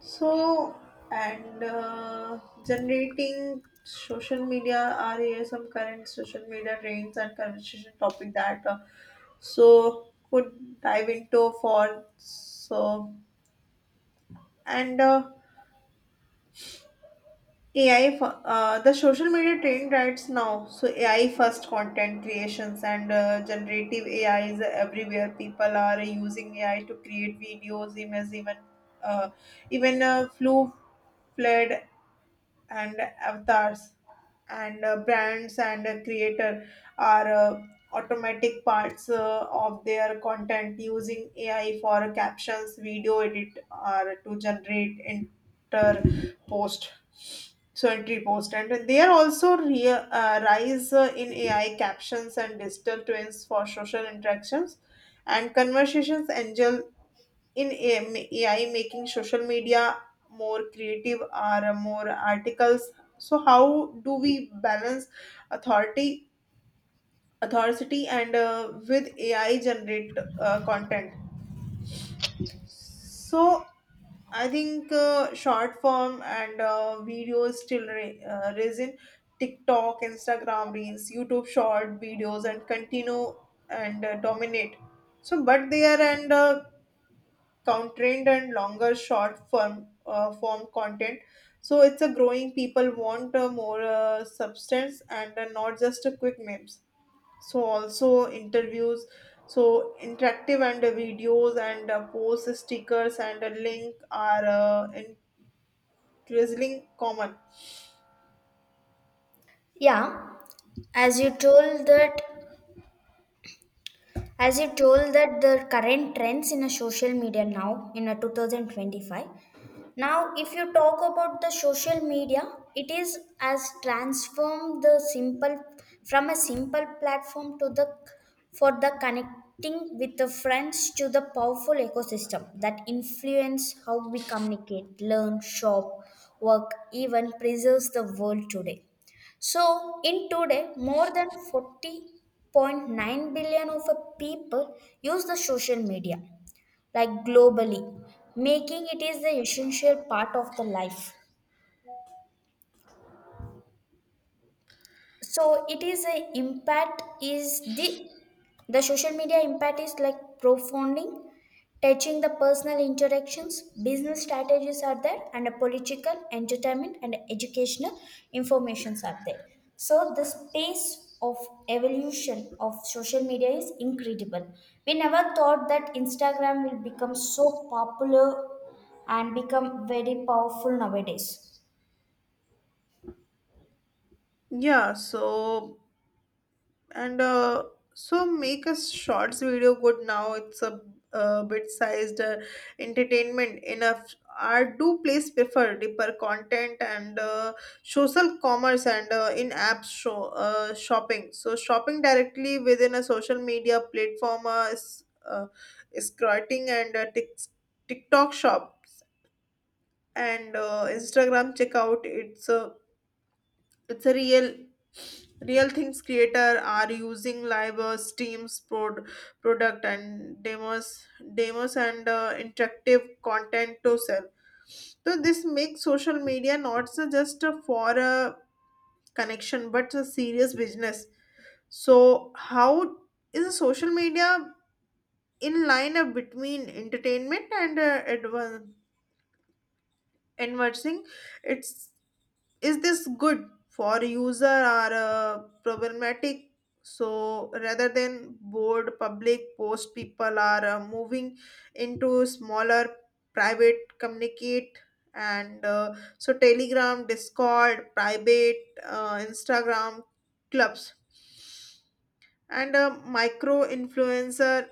So, and generating social media are here some current social media trends and conversation topic that could dive into for so and The social media trend right now, so AI first content creations and generative AI is everywhere. People are using AI to create videos, images, even uh, even flu flood, and avatars, and brands and creator are automatic parts of their content using ai for captions, video edit, or to generate enter post, so entry post. And they are also rise in ai captions and digital twins for social interactions and conversations angel in AI, making social media more creative or more articles. So how do we balance authority authority and with AI generate content? So I think short form and videos still resin TikTok, Instagram reels, YouTube short videos, and continue and dominate. So, but there and constrained and longer short form form content, so it's a growing. People want more substance and not just a quick memes, so also interviews, so interactive and videos and post stickers and a link are increasingly common. Yeah, as you told that the current trends in a social media now in a 2025. Now, if you talk about the social media, it is as transformed the simple from a simple platform to the for the connecting with the friends to the powerful ecosystem that influence how we communicate, learn, shop, work, even preserves the world today. So, in today, more than 40.9 billion of a people use the social media, like globally, making it is the essential part of the life. So it is a impact is the social media impact is like profoundly touching the personal interactions, business strategies are there, and a political, entertainment, and educational informations are there. So the space of evolution of social media is incredible. We never thought that Instagram will become so popular and become very powerful nowadays. Yeah, so and so make a shorts video good now. It's a bit sized entertainment enough, are do please prefer deeper content and social commerce and in-app shopping, so shopping directly within a social media platform is scrolling and tiktok shops and instagram checkout. It's a it's a real real things. Creator are using live steams, product and demos and interactive content to sell. So this makes social media not so just for a connection but a serious business. So how is a social media in line between entertainment and advancing its, is this good for user or problematic? So rather than board public post, people are moving into smaller private communicate, and so telegram, discord, private instagram clubs and a micro influencer.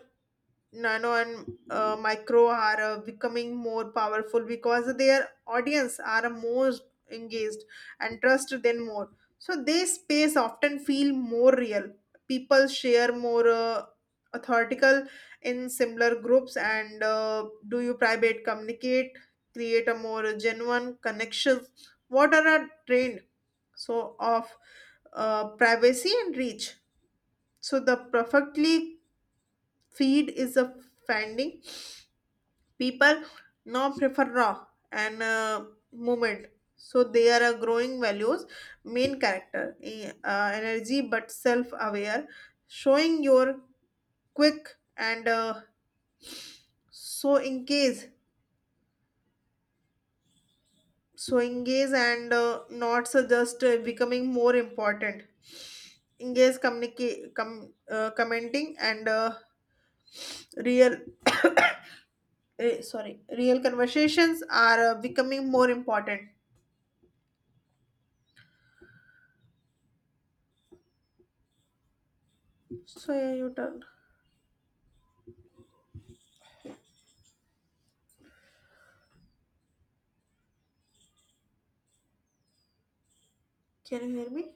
Nano and Micro are becoming more powerful because their audience are more engaged and trust them more. So their space often feel more real. People share more authoritical in similar groups and do you private communicate, create a more genuine connection. What are our trend so of privacy and reach? So the perfectly feed is a finding. People now prefer raw and movement, so they are a growing values, main character energy but self aware, showing your quick and so engage so engage and not so just becoming more important. Engage communicate, commenting and real, eh, sorry real conversations are becoming more important. So yeah, you turn. Can you hear me?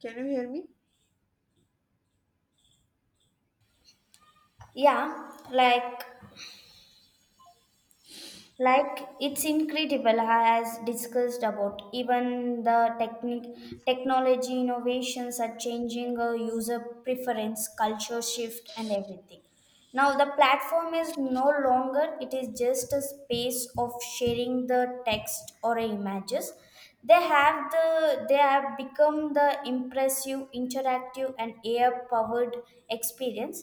Can you hear me? Yeah, like it's incredible as discussed about even the technique technology innovations are changing user preference, culture shift, and everything. Now the platform is no longer it is just a space of sharing the text or images. They have they have become the impressive, interactive, and AI powered experience.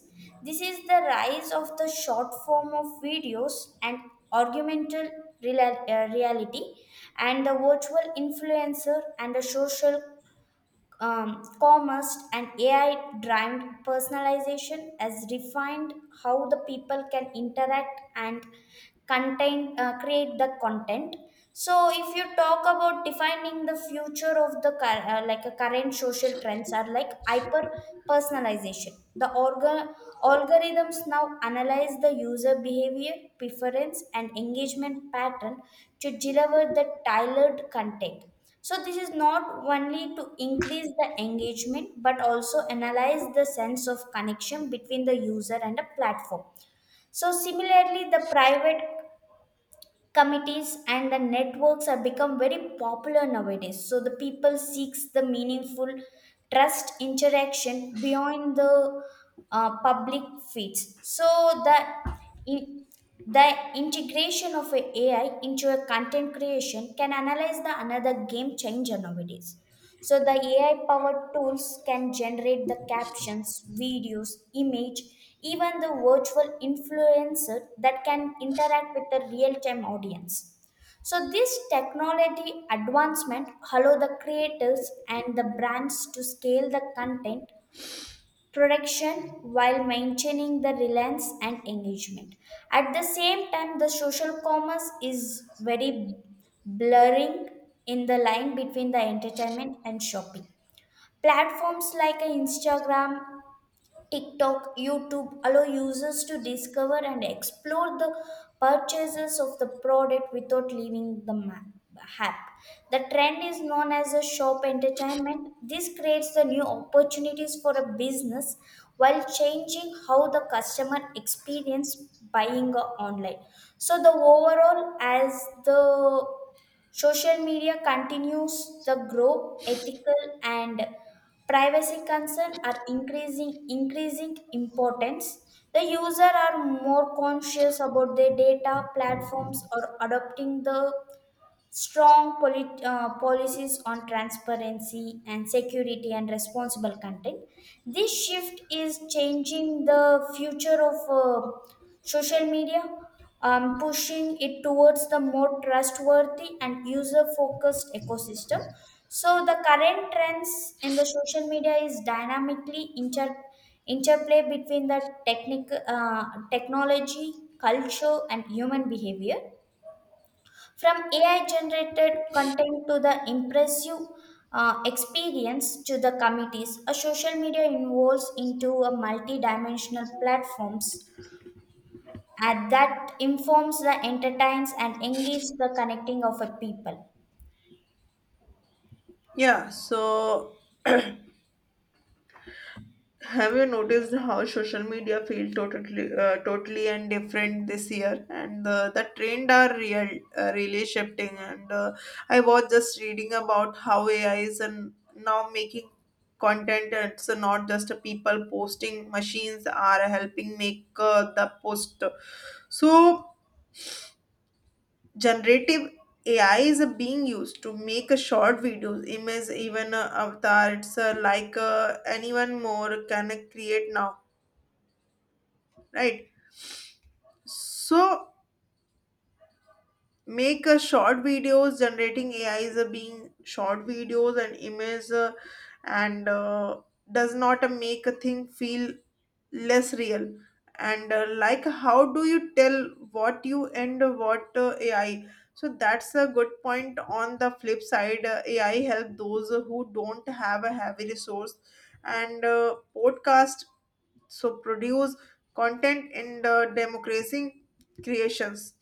This is the rise of the short form of videos and augmented reality and the virtual influencer and the social commerce and AI driven personalization has refined how the people can interact and contain create the content. So, if you talk about defining the future of the like a current social trends are like hyper personalization. The algorithms now analyze the user behavior, preference, and engagement pattern to deliver the tailored content. So this is not only to increase the engagement but also analyze the sense of connection between the user and the platform. So similarly the private committees and the networks have become very popular nowadays, so the people seeks the meaningful trust interaction beyond the public feeds. So the in, the integration of a AI into a content creation can analyze the another game changer nowadays. So the AI powered tools can generate the captions, videos, image, even the virtual influencer that can interact with the real time audience. So this technology advancement allow the creators and the brands to scale the content production while maintaining the relevance and engagement. At the same time, the social commerce is very blurring in the line between the entertainment and shopping. Platforms like Instagram, TikTok, YouTube allow users to discover and explore the purchases of the product without leaving the app. The trend is known as a shop entertainment. This creates the new opportunities for a business while changing how the customer experience buying online. So the overall as the Social media continues to grow. Ethical and privacy concerns are increasing importance. The user are more conscious about their data. Platforms are adopting the strong policies on transparency and security and responsible content. This shift is changing the future of social media, pushing it towards the more trustworthy and user focused ecosystem. So, the current trends in the social media is dynamically interplay between the technic- uh, technology, culture, and human behavior from AI generated content to the impressive experience to the committees, a social media evolves into a multi-dimensional platforms and that informs the entertains and engages the connecting of a people. Yeah, so have you noticed how social media feel totally and different this year? And the trend are really shifting. And I was just reading about how AI is and now making content. It's not just a people posting. Machines are helping make the post. So generative AI is being used to make a short videos, image, even a avatar. It's like anyone more can create now, right? So make a short videos. Generating AI is being short videos and image, and does not make a thing feel less real and like how do you tell what you and what ai. So that's a good point. On the flip side, ai help those who don't have a heavy resource and podcast, so produce content in the democracy creations.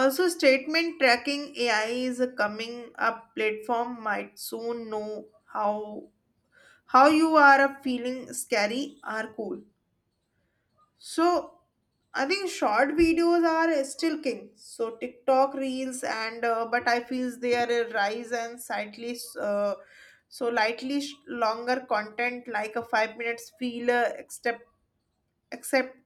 Also statement tracking ai is a coming up. Platform might soon know how how you are a feeling, scary or cool. So I think short videos are still king. So TikTok reels and but I feel they are a rise and slightly so lightly longer content, like a 5 minutes feel acceptable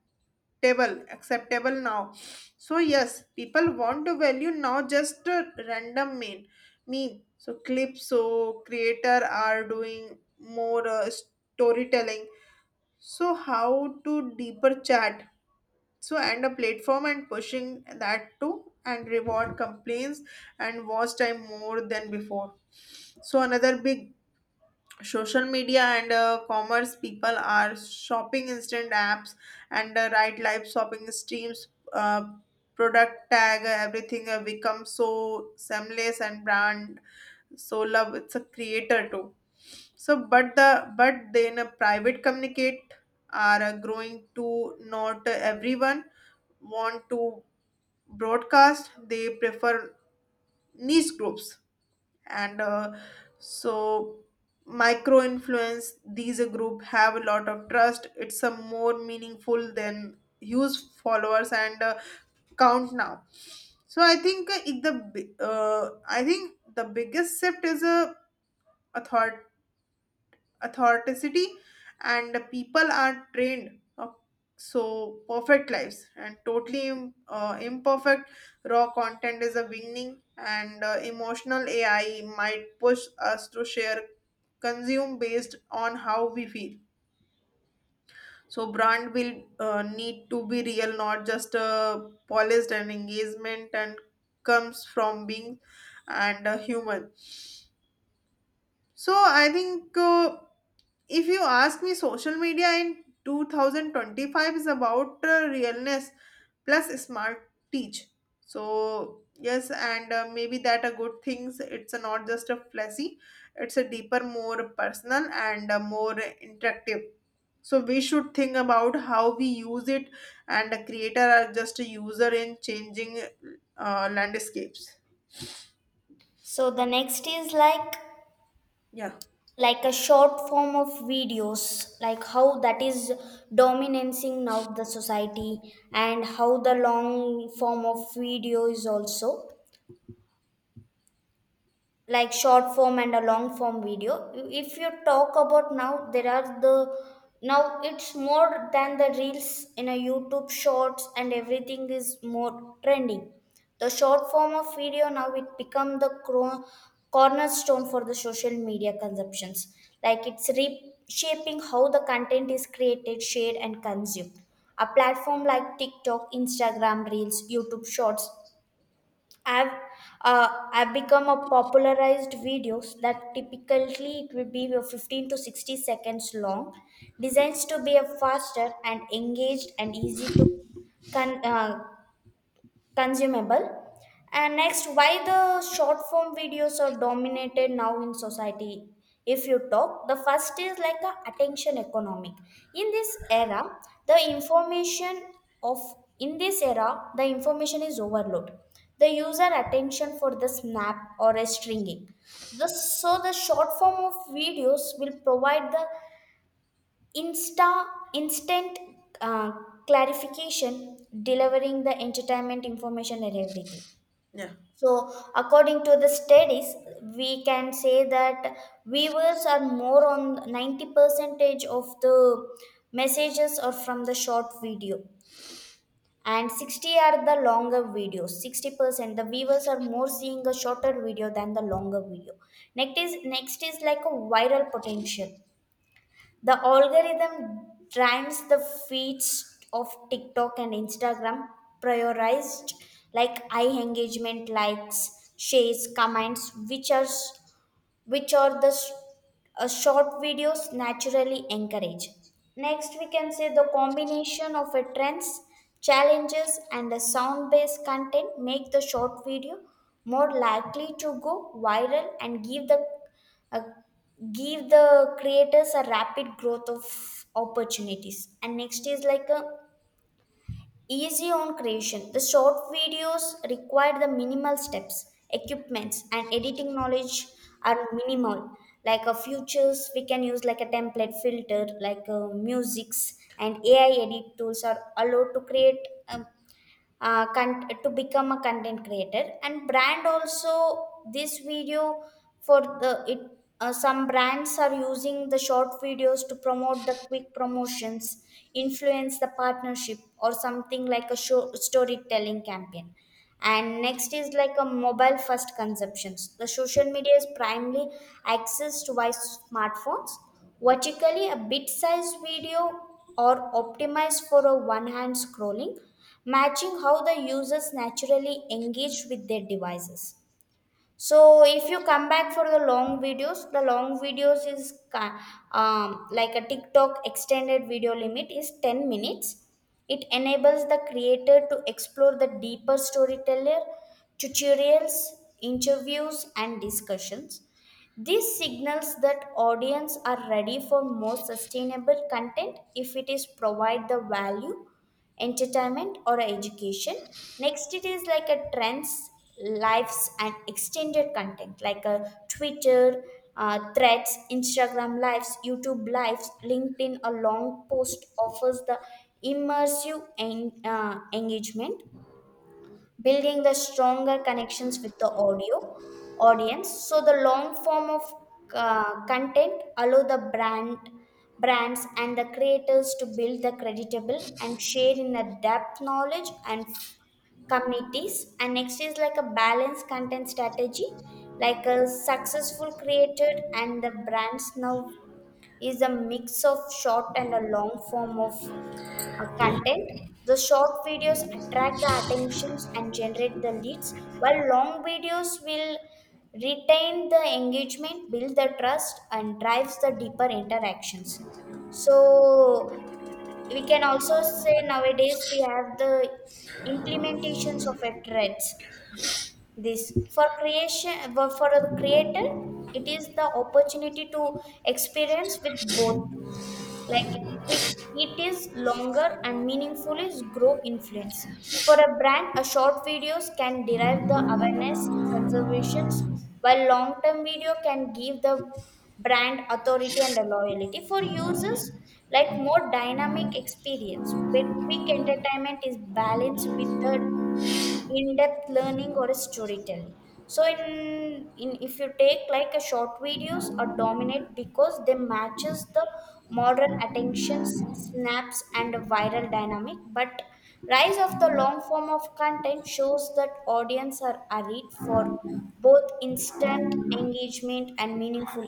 acceptable now. So yes, people want to value now just a random main meme. So clips, so creator are doing more storytelling. So how to deeper chat, so and a platform and pushing that too, and reward complaints and watch time more than before. So another big social media and commerce, people are shopping instant apps and right live shopping streams uh, product tag, everything becomes so seamless and brand, so love it's a creator too. So but the, but then a private communicate are growing to. Not everyone want to broadcast, they prefer niche groups, and so micro influence these a group have a lot of trust. It's a more meaningful than huge followers and count now. So I think it- the bi- I think the biggest shift is a authority authenticity, and people are trained of so perfect lives and totally imperfect raw content is a beginning and emotional ai might push us to share, consume based on how we feel. So brand will need to be real, not just polished, and engagement and comes from being and human. So I think, if you ask me, social media in 2025 is about realness plus smart teach. So yes, and maybe that are good things. It's not just a flashy, it's a deeper, more personal and more interactive. So we should think about how we use it, and the creator are just a user in changing landscapes. So the next is Yeah. like a short form of videos, like how that is dominancing now the society and how the long form of video is also. Like short form and a long form video, if you talk about now there are the now it's more than the reels in a YouTube shorts and everything is more trending. The short form of video now it become the cornerstone for the social media consumptions, like it's reshaping how the content is created, shared, and consumed. A platform like TikTok, Instagram reels, YouTube shorts, I've I've become a popularized videos that typically it will be your 15 to 60 seconds long, designs to be a faster and engaged and easy to con- uh, consumable. And next, why the short form videos are dominated now in society? If you talk, the first is like a attention economic. In this era, the information of in this era the information is overload. The user attention for the snap or a stringing, the so the short form of videos will provide the Insta instant uh, clarification, delivering the entertainment information and everything. Yeah. So, according to the studies, we can say that viewers are more on 90 percentage of the messages are from the short video and 60 are the longer videos. 60% the viewers are more seeing a shorter video than the longer video. Next is like a viral potential. The algorithm drains the feeds of TikTok and Instagram, prioritized like eye engagement, likes, shares, comments, which are the short videos naturally encourage. Next, we can say the combination of a trends, challenges, and a sound-based content make the short video more likely to go viral and give the uh, give the creators a rapid growth of opportunities. And next is like a Easy on creation. The short videos require the minimal steps, equipments, and editing knowledge are minimal. Like a futures, we can use like a template filter, like musics and AI edit tools are allowed to create um, to become a content creator and brand also. This video for the it some brands are using the short videos to promote the quick promotions, influence the partnership, or something like a show, storytelling campaign. And next is like a mobile first consumptions. The social media is primarily accessed by smartphones, vertically a bit sized video, or optimized for a one hand scrolling, matching how the users naturally engage with their devices. So if you come back for the long videos, like a TikTok extended video limit is 10 minutes. It enables the creator to explore the deeper storyteller, tutorials, interviews, and discussions. This signals that audience are ready for more sustainable content if it is provide the value, entertainment, or education. Next it is like a trends, lives, and extended content like a Twitter threads, Instagram lives, YouTube lives, LinkedIn a long post offers the immersive engagement, building the stronger connections with the audio audience. So the long form of content allow the brand brands and the creators to build the creditable and share in a depth knowledge and communities. And next is like a balanced content strategy, like a successful creator and the brands now is a mix of short and a long form of content. The short videos attract the attentions and generate the leads while long videos will retain the engagement, build the trust, and drives the deeper interactions. So we can also say nowadays we have the implementations of a threads. This for creation, for a creator, it is the opportunity to experience with both, like quick, it is longer and meaningful is grow influence. For a brand, a short videos can derive the awareness, conservations, while long term video can give the brand authority and a loyalty for users, like more dynamic experience where quick entertainment is balanced with the in-depth learning or a storytelling. So in if you take, like a short videos are dominate because they matches the modern attention snaps and viral dynamic, but rise of the long form of content shows that audience are arid for both instant engagement and meaningful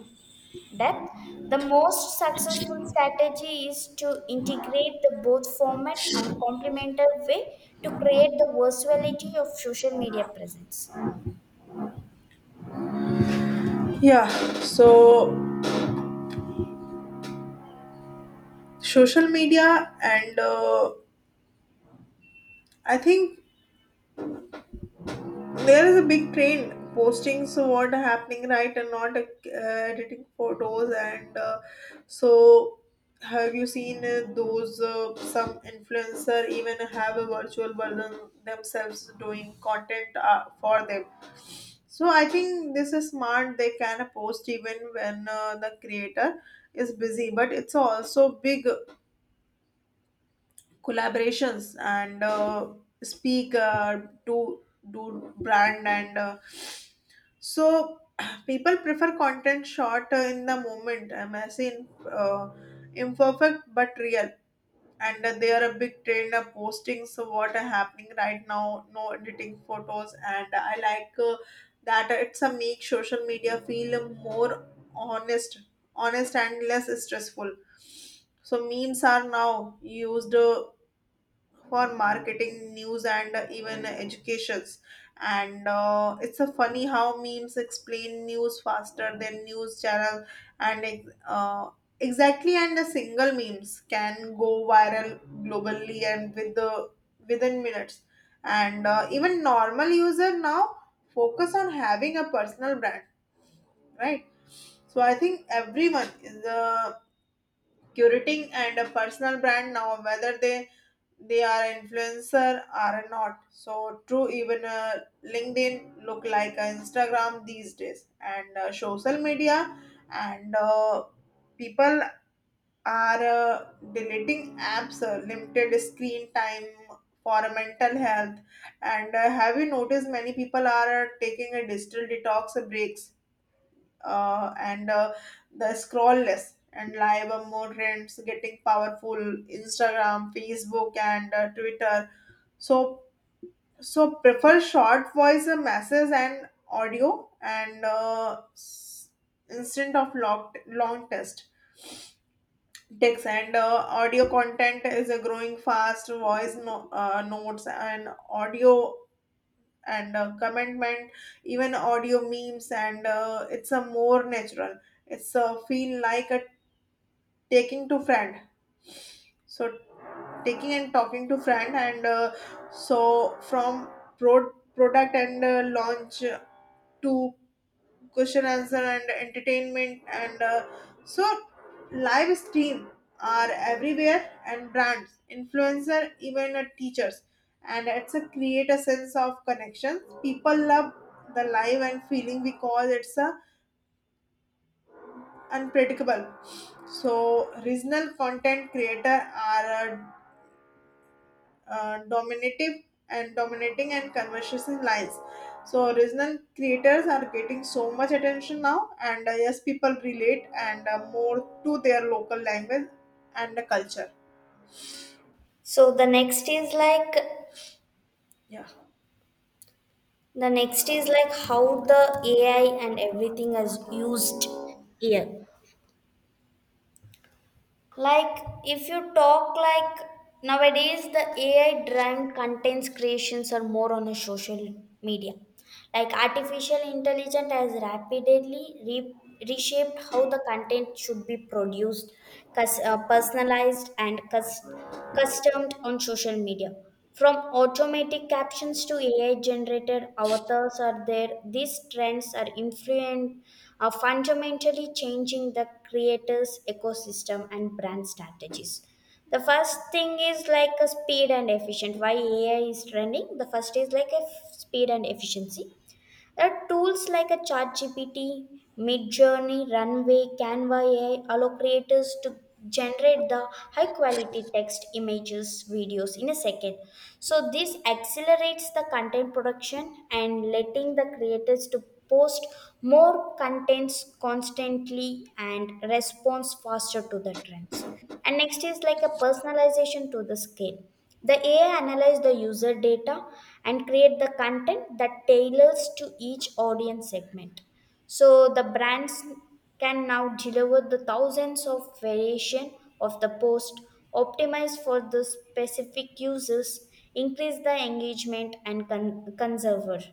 depth. The most successful strategy is to integrate the both format and complementary way to create the versatility of social media presence. Yeah, so social media and I think there is a big trend posting so what happening right and not editing photos and so have you seen those some influencer even have a virtual version themselves doing content for them? So I think this is smart. They can post even when the creator is busy, but it's also big collaborations and speak to do brand and so people prefer content short in the moment. I'm saying uh, imperfect but real, and they are a big trend of posting so what are happening right now, no editing photos, and I like that. It's a make social media feel more honest honest and less stressful. So memes are now used for marketing, news, and even educations, and it's a funny how memes explain news faster than news channel, and exactly, and a single memes can go viral globally, and within minutes. And even normal user now focus on having a personal brand, right? So I think everyone is curating and a personal brand now, whether they are influencer are not, so true even linkedin look like instagram these days and social media, and people are deleting apps, limited screen time for mental health, and have you noticed many people are taking a digital detox breaks. And The scroll less and live more trends getting powerful. Instagram, facebook, and twitter, so so prefer short voice messages and audio and instead of long test text, and audio content is growing fast. Voice no, notes and audio, and commitment, even audio memes, and it's a more natural, it's a feel like a taking to friend, so taking and talking to friend, and from product and launch to question answer and entertainment, and so live stream are everywhere, and brands, influencer, even teachers, and it's a create a sense of connection. People love the live and feeling because it's a unpredictable. So regional content creator are dominative and dominating and conversation lines. So original creators are getting so much attention now, and yes, people relate and more to their local language and the culture. So the next is like Yeah. the next is like how the AI and everything is used here. Like, if you talk like nowadays, the AI driven contents creations are more on a social media. Like, artificial intelligence has rapidly reshaped how the content should be produced, personalized, and customized customed on social media. From automatic captions to AI generated avatars are there, these trends are are fundamentally changing the creators' ecosystem and brand strategies. The first thing is like a speed and efficient. Why AI is trending? The first is like a speed and efficiency. There are tools like a ChatGPT, Midjourney, Runway, Canva AI allow creators to generate the high quality text, images, videos in a second. So this accelerates the content production and letting the creators to post more contents constantly and responds faster to the trends. And next is like a personalization to the scale. The AI analyze the user data and create the content that tailors to each audience segment. So the brands can now deliver the thousands of variation of the post, optimize for the specific users, increase the engagement and conserver.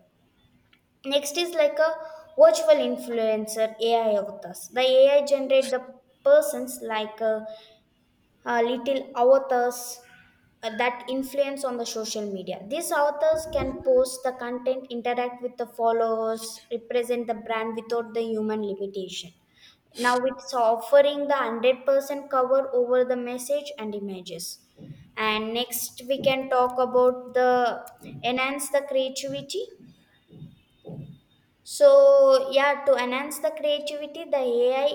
Next is like a virtual influencer AI avatars. The AI generate the persons like a little authors that influence on the social media. These authors can post the content, interact with the followers, represent the brand without the human limitation. Now it's offering the 100% cover over the message and images. And next, we can talk about the enhance the creativity. So, yeah, to enhance the creativity, the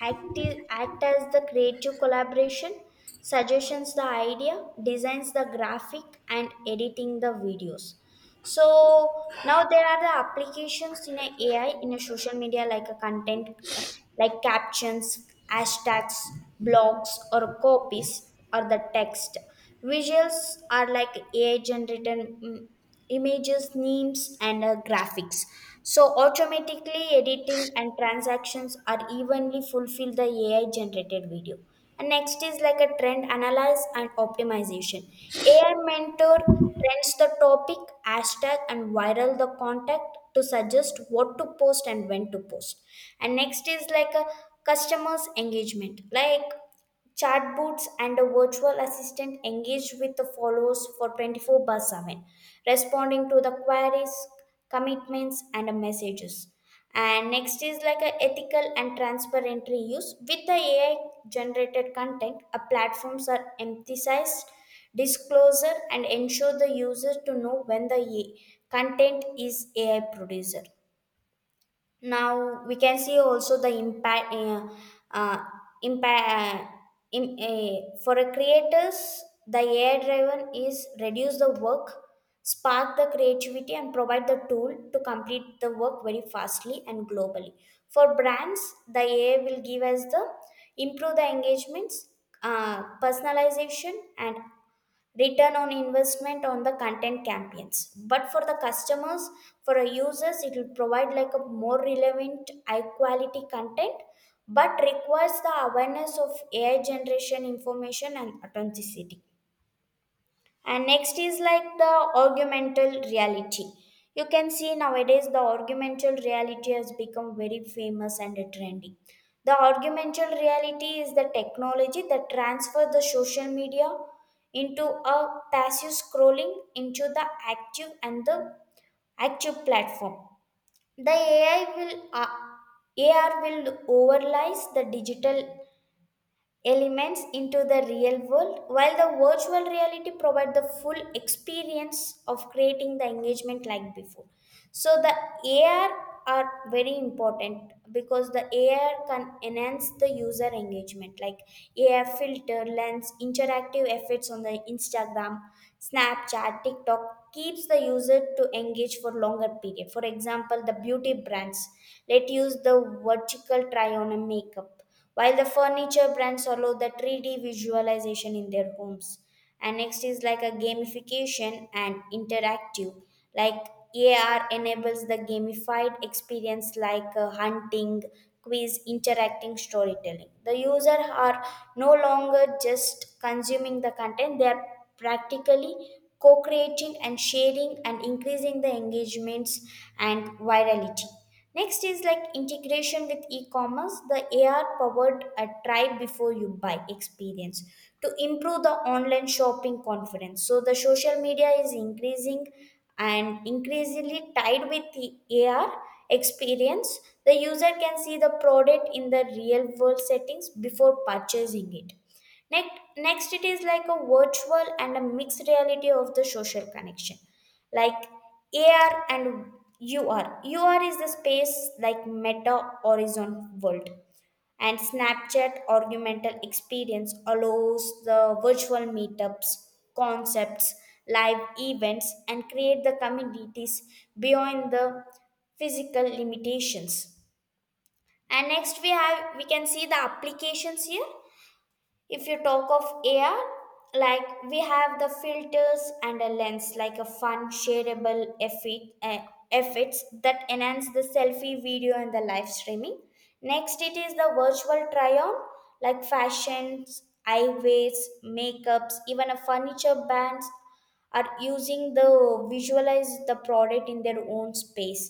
act, act as the creative collaboration, suggestions the idea, designs the graphic and editing the videos. So now there are the applications in a ai in a social media like a content, uh, like captions, hashtags, blogs or copies or the text. Visuals are like ai generated, images, memes and graphics. So automatically editing and transactions are evenly fulfill the ai generated video. And next is like a trend analyze and optimization. Ai mentor trends, the topic, hashtag, and viral the contact to suggest what to post and when to post. And next is like a customers engagement, like chatbots and a virtual assistant engage with the followers for 24 by 7, responding to the queries, commitments and messages. And next is like a ethical and transparent reuse with the ai generated content. A platforms are emphasized disclosure and ensure the user to know when the A- I content is ai producer. Now we can see also the impact, uh, impact in, for a creators, the AI driven is reduce the work, spark the creativity, and provide the tool to complete the work very fastly and globally. For brands, the AI will give us the improve the engagements, personalization, and return on investment on the content campaigns. But for the customers, for our users, it will provide like a more relevant high quality content, but requires the awareness of ai generation information and authenticity. And next is like the augmental reality. You can see nowadays the augmental reality has become very famous and trendy. The augmental reality is the technology that transfers the social media into a passive scrolling into the active platform. The AI will uh, AR will overlies the digital elements into the real world, while the virtual reality provide the full experience of creating the engagement like before. So the ar are very important because the ar can enhance the user engagement, like ar filter, lens, interactive effects on the instagram, snapchat, tiktok, keeps the user to engage for longer period. For example, the beauty brands let use the vertical try on a makeup, while the furniture brands allow the 3D visualization in their homes. And next is like a gamification and interactive, like ar enables the gamified experience, like hunting, quiz, interacting storytelling. The user are no longer just consuming the content, they are practically co-creating and sharing and increasing the engagements and virality. Next is like integration with e-commerce, the AR powered a R-powered try before you buy experience to improve the online shopping confidence. So the social media is increasing and increasingly tied with the AR experience. The user can see the product in the real world settings before purchasing it. Next, next, it is like a virtual and a mixed reality of the social connection, like AR and UR is the space like meta horizon world, and Snapchat augmented experience allows the virtual meetups, concepts, live events, and create the communities beyond the physical limitations. And next we can see the applications here. If you talk of AR, like we have the filters and a lens, like a fun shareable effects that enhance the selfie video and the live streaming. Next it is the virtual try-on, like fashions, eyewears, makeups, even a furniture bands are using the visualize the product in their own space.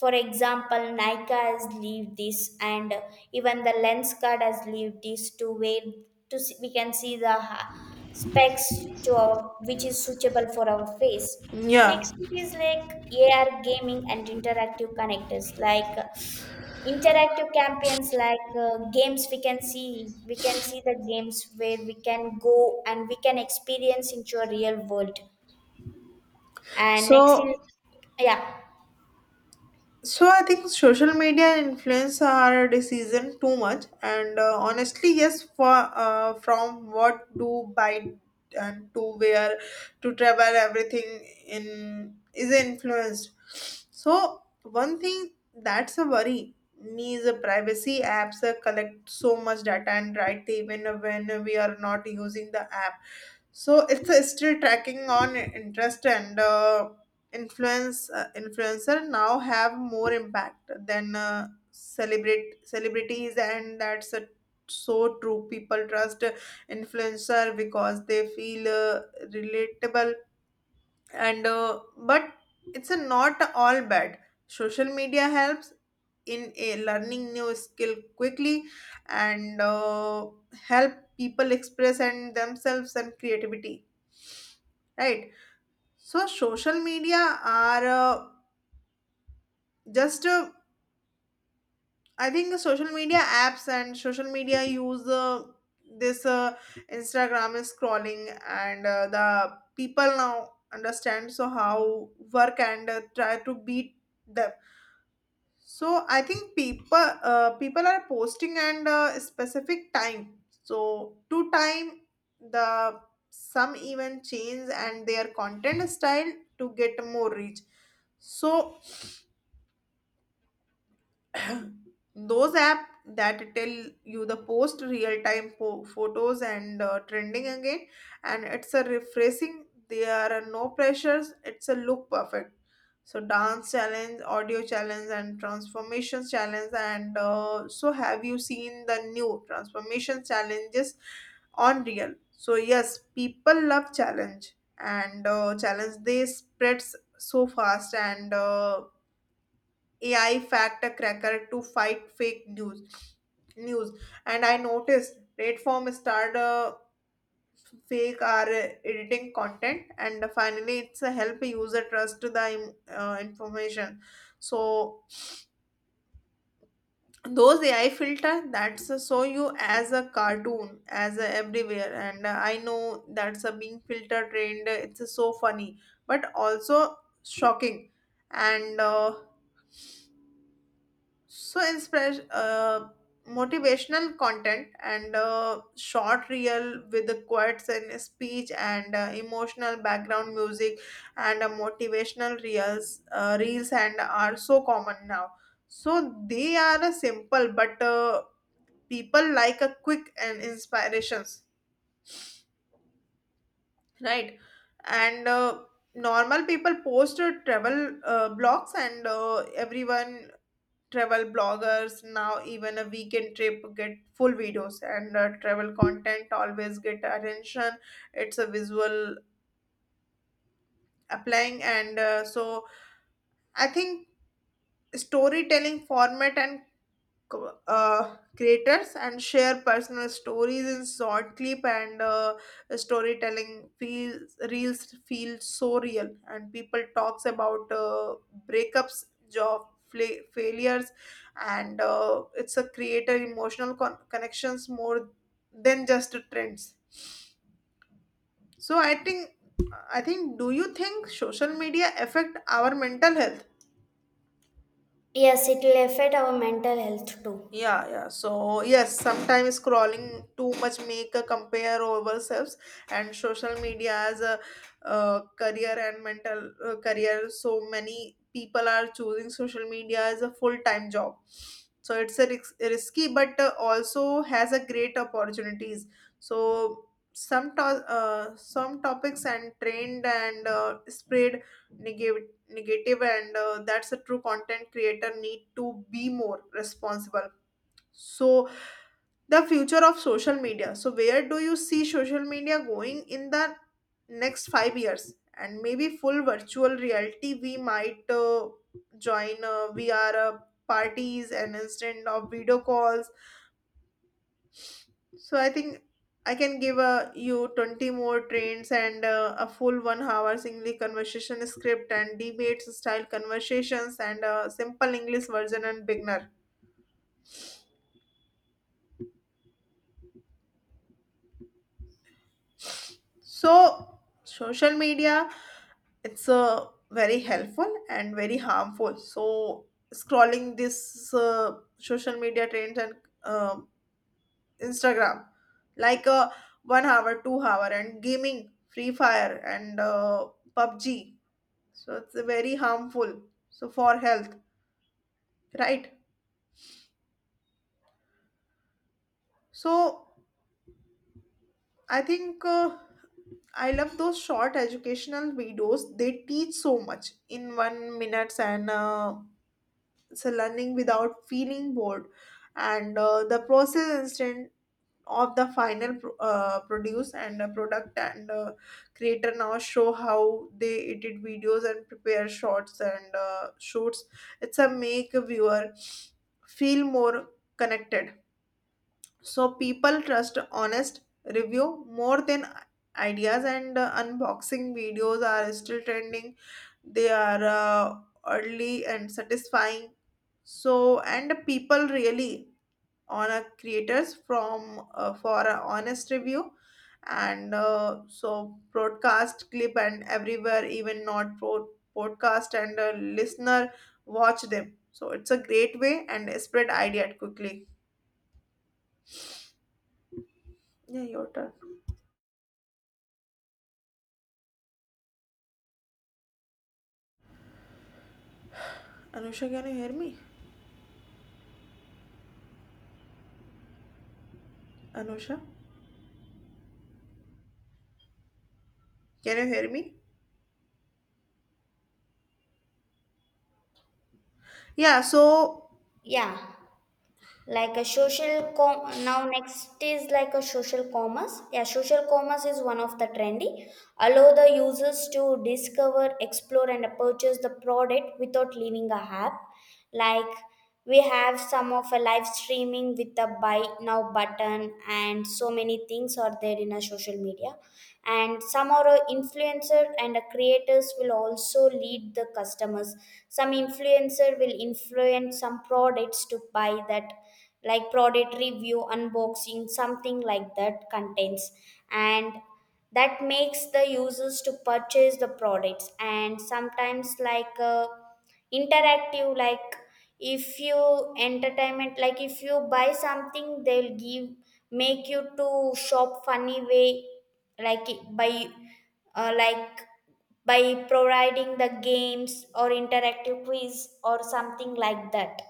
For example, nike has leave this, and even the lens card has leave this to where to see, we can see the specs to our, which is suitable for our face. Yeah, Next it is like ar gaming and interactive connectors, like interactive campaigns, like games. We can see the games where we can go and we can experience into a real world. And next is so, yeah. so I think social media influence our decision too much, and honestly, yes, for from what to buy and to wear to travel, everything in is influenced. So one thing that's a worry me is a privacy. Apps collect so much data and right, even when we are not using the app. So it's still tracking on interest and. Influencer now have more impact than celebrate celebrities, and that's a so true People trust influencer because they feel relatable. And uh, but it's a not all bad. Social media helps in a learning new skill quickly, and help people express and themselves and creativity. Right. So social media are just I think the social media apps and social media use this instagram is scrolling, and the people now understand so how work and try to beat them. So I think people are posting and specific time, so to time the. Some even change and their content style to get more reach. So those app that tell you the post real time photos and trending again, and it's a refreshing, there are no pressures, it's a look perfect. So dance challenge, audio challenge, and transformations challenge. And uh, so have you seen the new transformation challenges on real? So yes, people love challenge, and challenge they spreads so fast. And AI fact cracker to fight fake news. News. And I noticed platform start fake are editing content, and finally it's a help user trust the information. So those AI filter that's show you as a cartoon as a everywhere, and I know that's a being filter trained. It's so funny, but also shocking. And uh, so inspiration, motivational content, and short reel with the quotes and speech and emotional background music. And motivational reels and are so common now. So they are a simple, but people like a quick and inspirations. Right. and normal people post travel blogs, and everyone travel bloggers now, even a weekend trip get full videos, and travel content always get attention. It's a visual applying. And uh, so i think storytelling format and creators and share personal stories in short clip, and storytelling feels reels feel so real, and people talks about breakups, job failures, and it's a creator emotional connections more than just trends. So I think, do you think social media affect our mental health? Yes, it will affect our mental health too. Yeah, yeah. So yes, sometimes scrolling too much make a compare ourselves. And social media as a career and mental career. So many people are choosing social media as a full time job. So it's a risky, but also has a great opportunities. So some topics and trend and spread negative. Negative. And that's a true, content creator need to be more responsible. So, the future of social media. So, where do you see social media going in the next 5 years? And maybe full virtual reality, we might join VR parties and instant of video calls. So, I think I can give you 20 more trends, and a full 1 hour singly conversation script and debates style conversations and a simple English version and beginner. So, social media, it's very helpful and very harmful. So scrolling this social media trends and um instagram, like uh, 1 hour, 2 hour, and gaming free fire, and pubg. So it's very harmful, so for health. Right. So i think uh, I love those short educational videos. They teach so much in 1 minutes, and so learning without feeling bored, and the process instant of the final produce and the product, and creator now show how they edit videos and prepare shots and shoots. It's a make a viewer feel more connected. So people trust honest review more than ideas, and unboxing videos are still trending. They are early and satisfying. So and people really honor creators from for a honest review. And uh, so broadcast clip and everywhere, even not podcast, and listener watch them, so it's a great way and spread idea quickly. Yeah, your turn. Anusha, can you hear me? Anusha, can you hear me? Yeah, so, Yeah, like a now next is like a social commerce. Yeah, social commerce is one of the trendy, allow the users to discover, explore and purchase the product without leaving a app. Like, we have some of a live streaming with the buy now button, and so many things are there in a social media. And some are a influencer and a creators will also lead the customers. Some influencer will influence some products to buy that, like product review, unboxing something like that contains. And that makes the users to purchase the products. And sometimes like, interactive, like if you entertainment, like if you buy something they'll give make you to shop funny way. Like it- by like by providing the games or interactive quiz or something like that.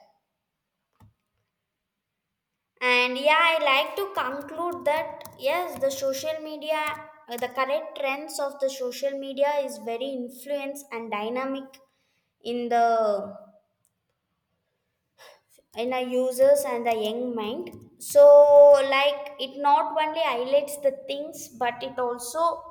And yeah, I like to conclude that yes, the social media, the current trends of the social media is very influence and dynamic in the in our users and the young mind. So like it not only highlights the things, but it also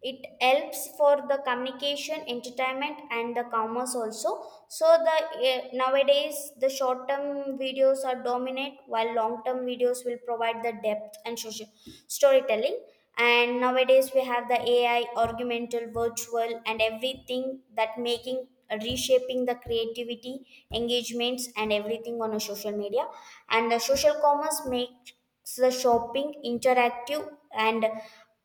it helps for the communication, entertainment and the commerce also. So the eh, nowadays the short term videos are dominant, while long term videos will provide the depth and social storytelling. And nowadays we have the ai augmented virtual and everything that making reshaping the creativity, engagements and everything on a social media. And the social commerce make the shopping interactive. And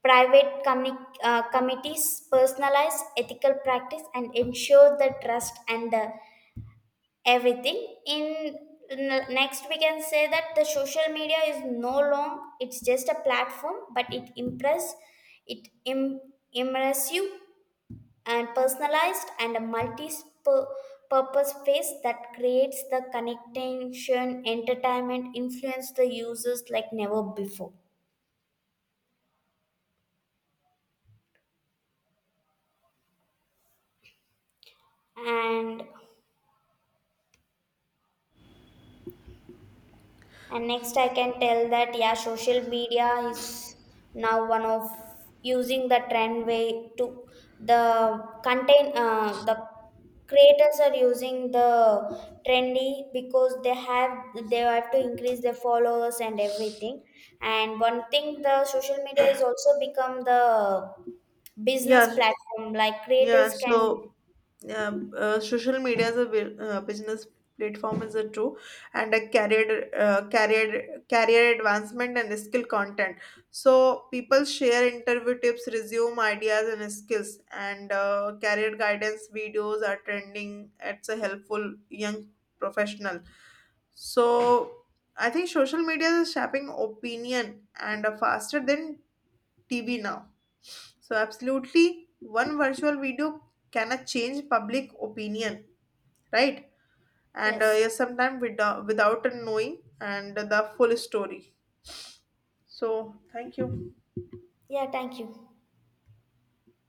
committees personalize ethical practice and ensure the trust and everything in next we can say that the social media is no long, it's just a platform, but it it Im- immersive and personalized and a multi-purpose face that creates the connection, entertainment, influence the users like never before. and and next I can tell that yeah, social media is now one of using the trend way to the content, the creators are using the trendy, because they have to increase their followers and everything. And one thing, the social media is also become the business yeah, platform, like yeah, creators can so social media as a business platform is a true, and a career advancement and skill content. So people share interview tips, resume ideas and skills, and career guidance videos are trending, it's a helpful young professional. So I think social media is shaping opinion, and faster than TV now. So, absolutely, one virtual video cannot change public opinion, right? And yes. yes, sometimes without knowing and the full story. So, thank you. Yeah, thank you.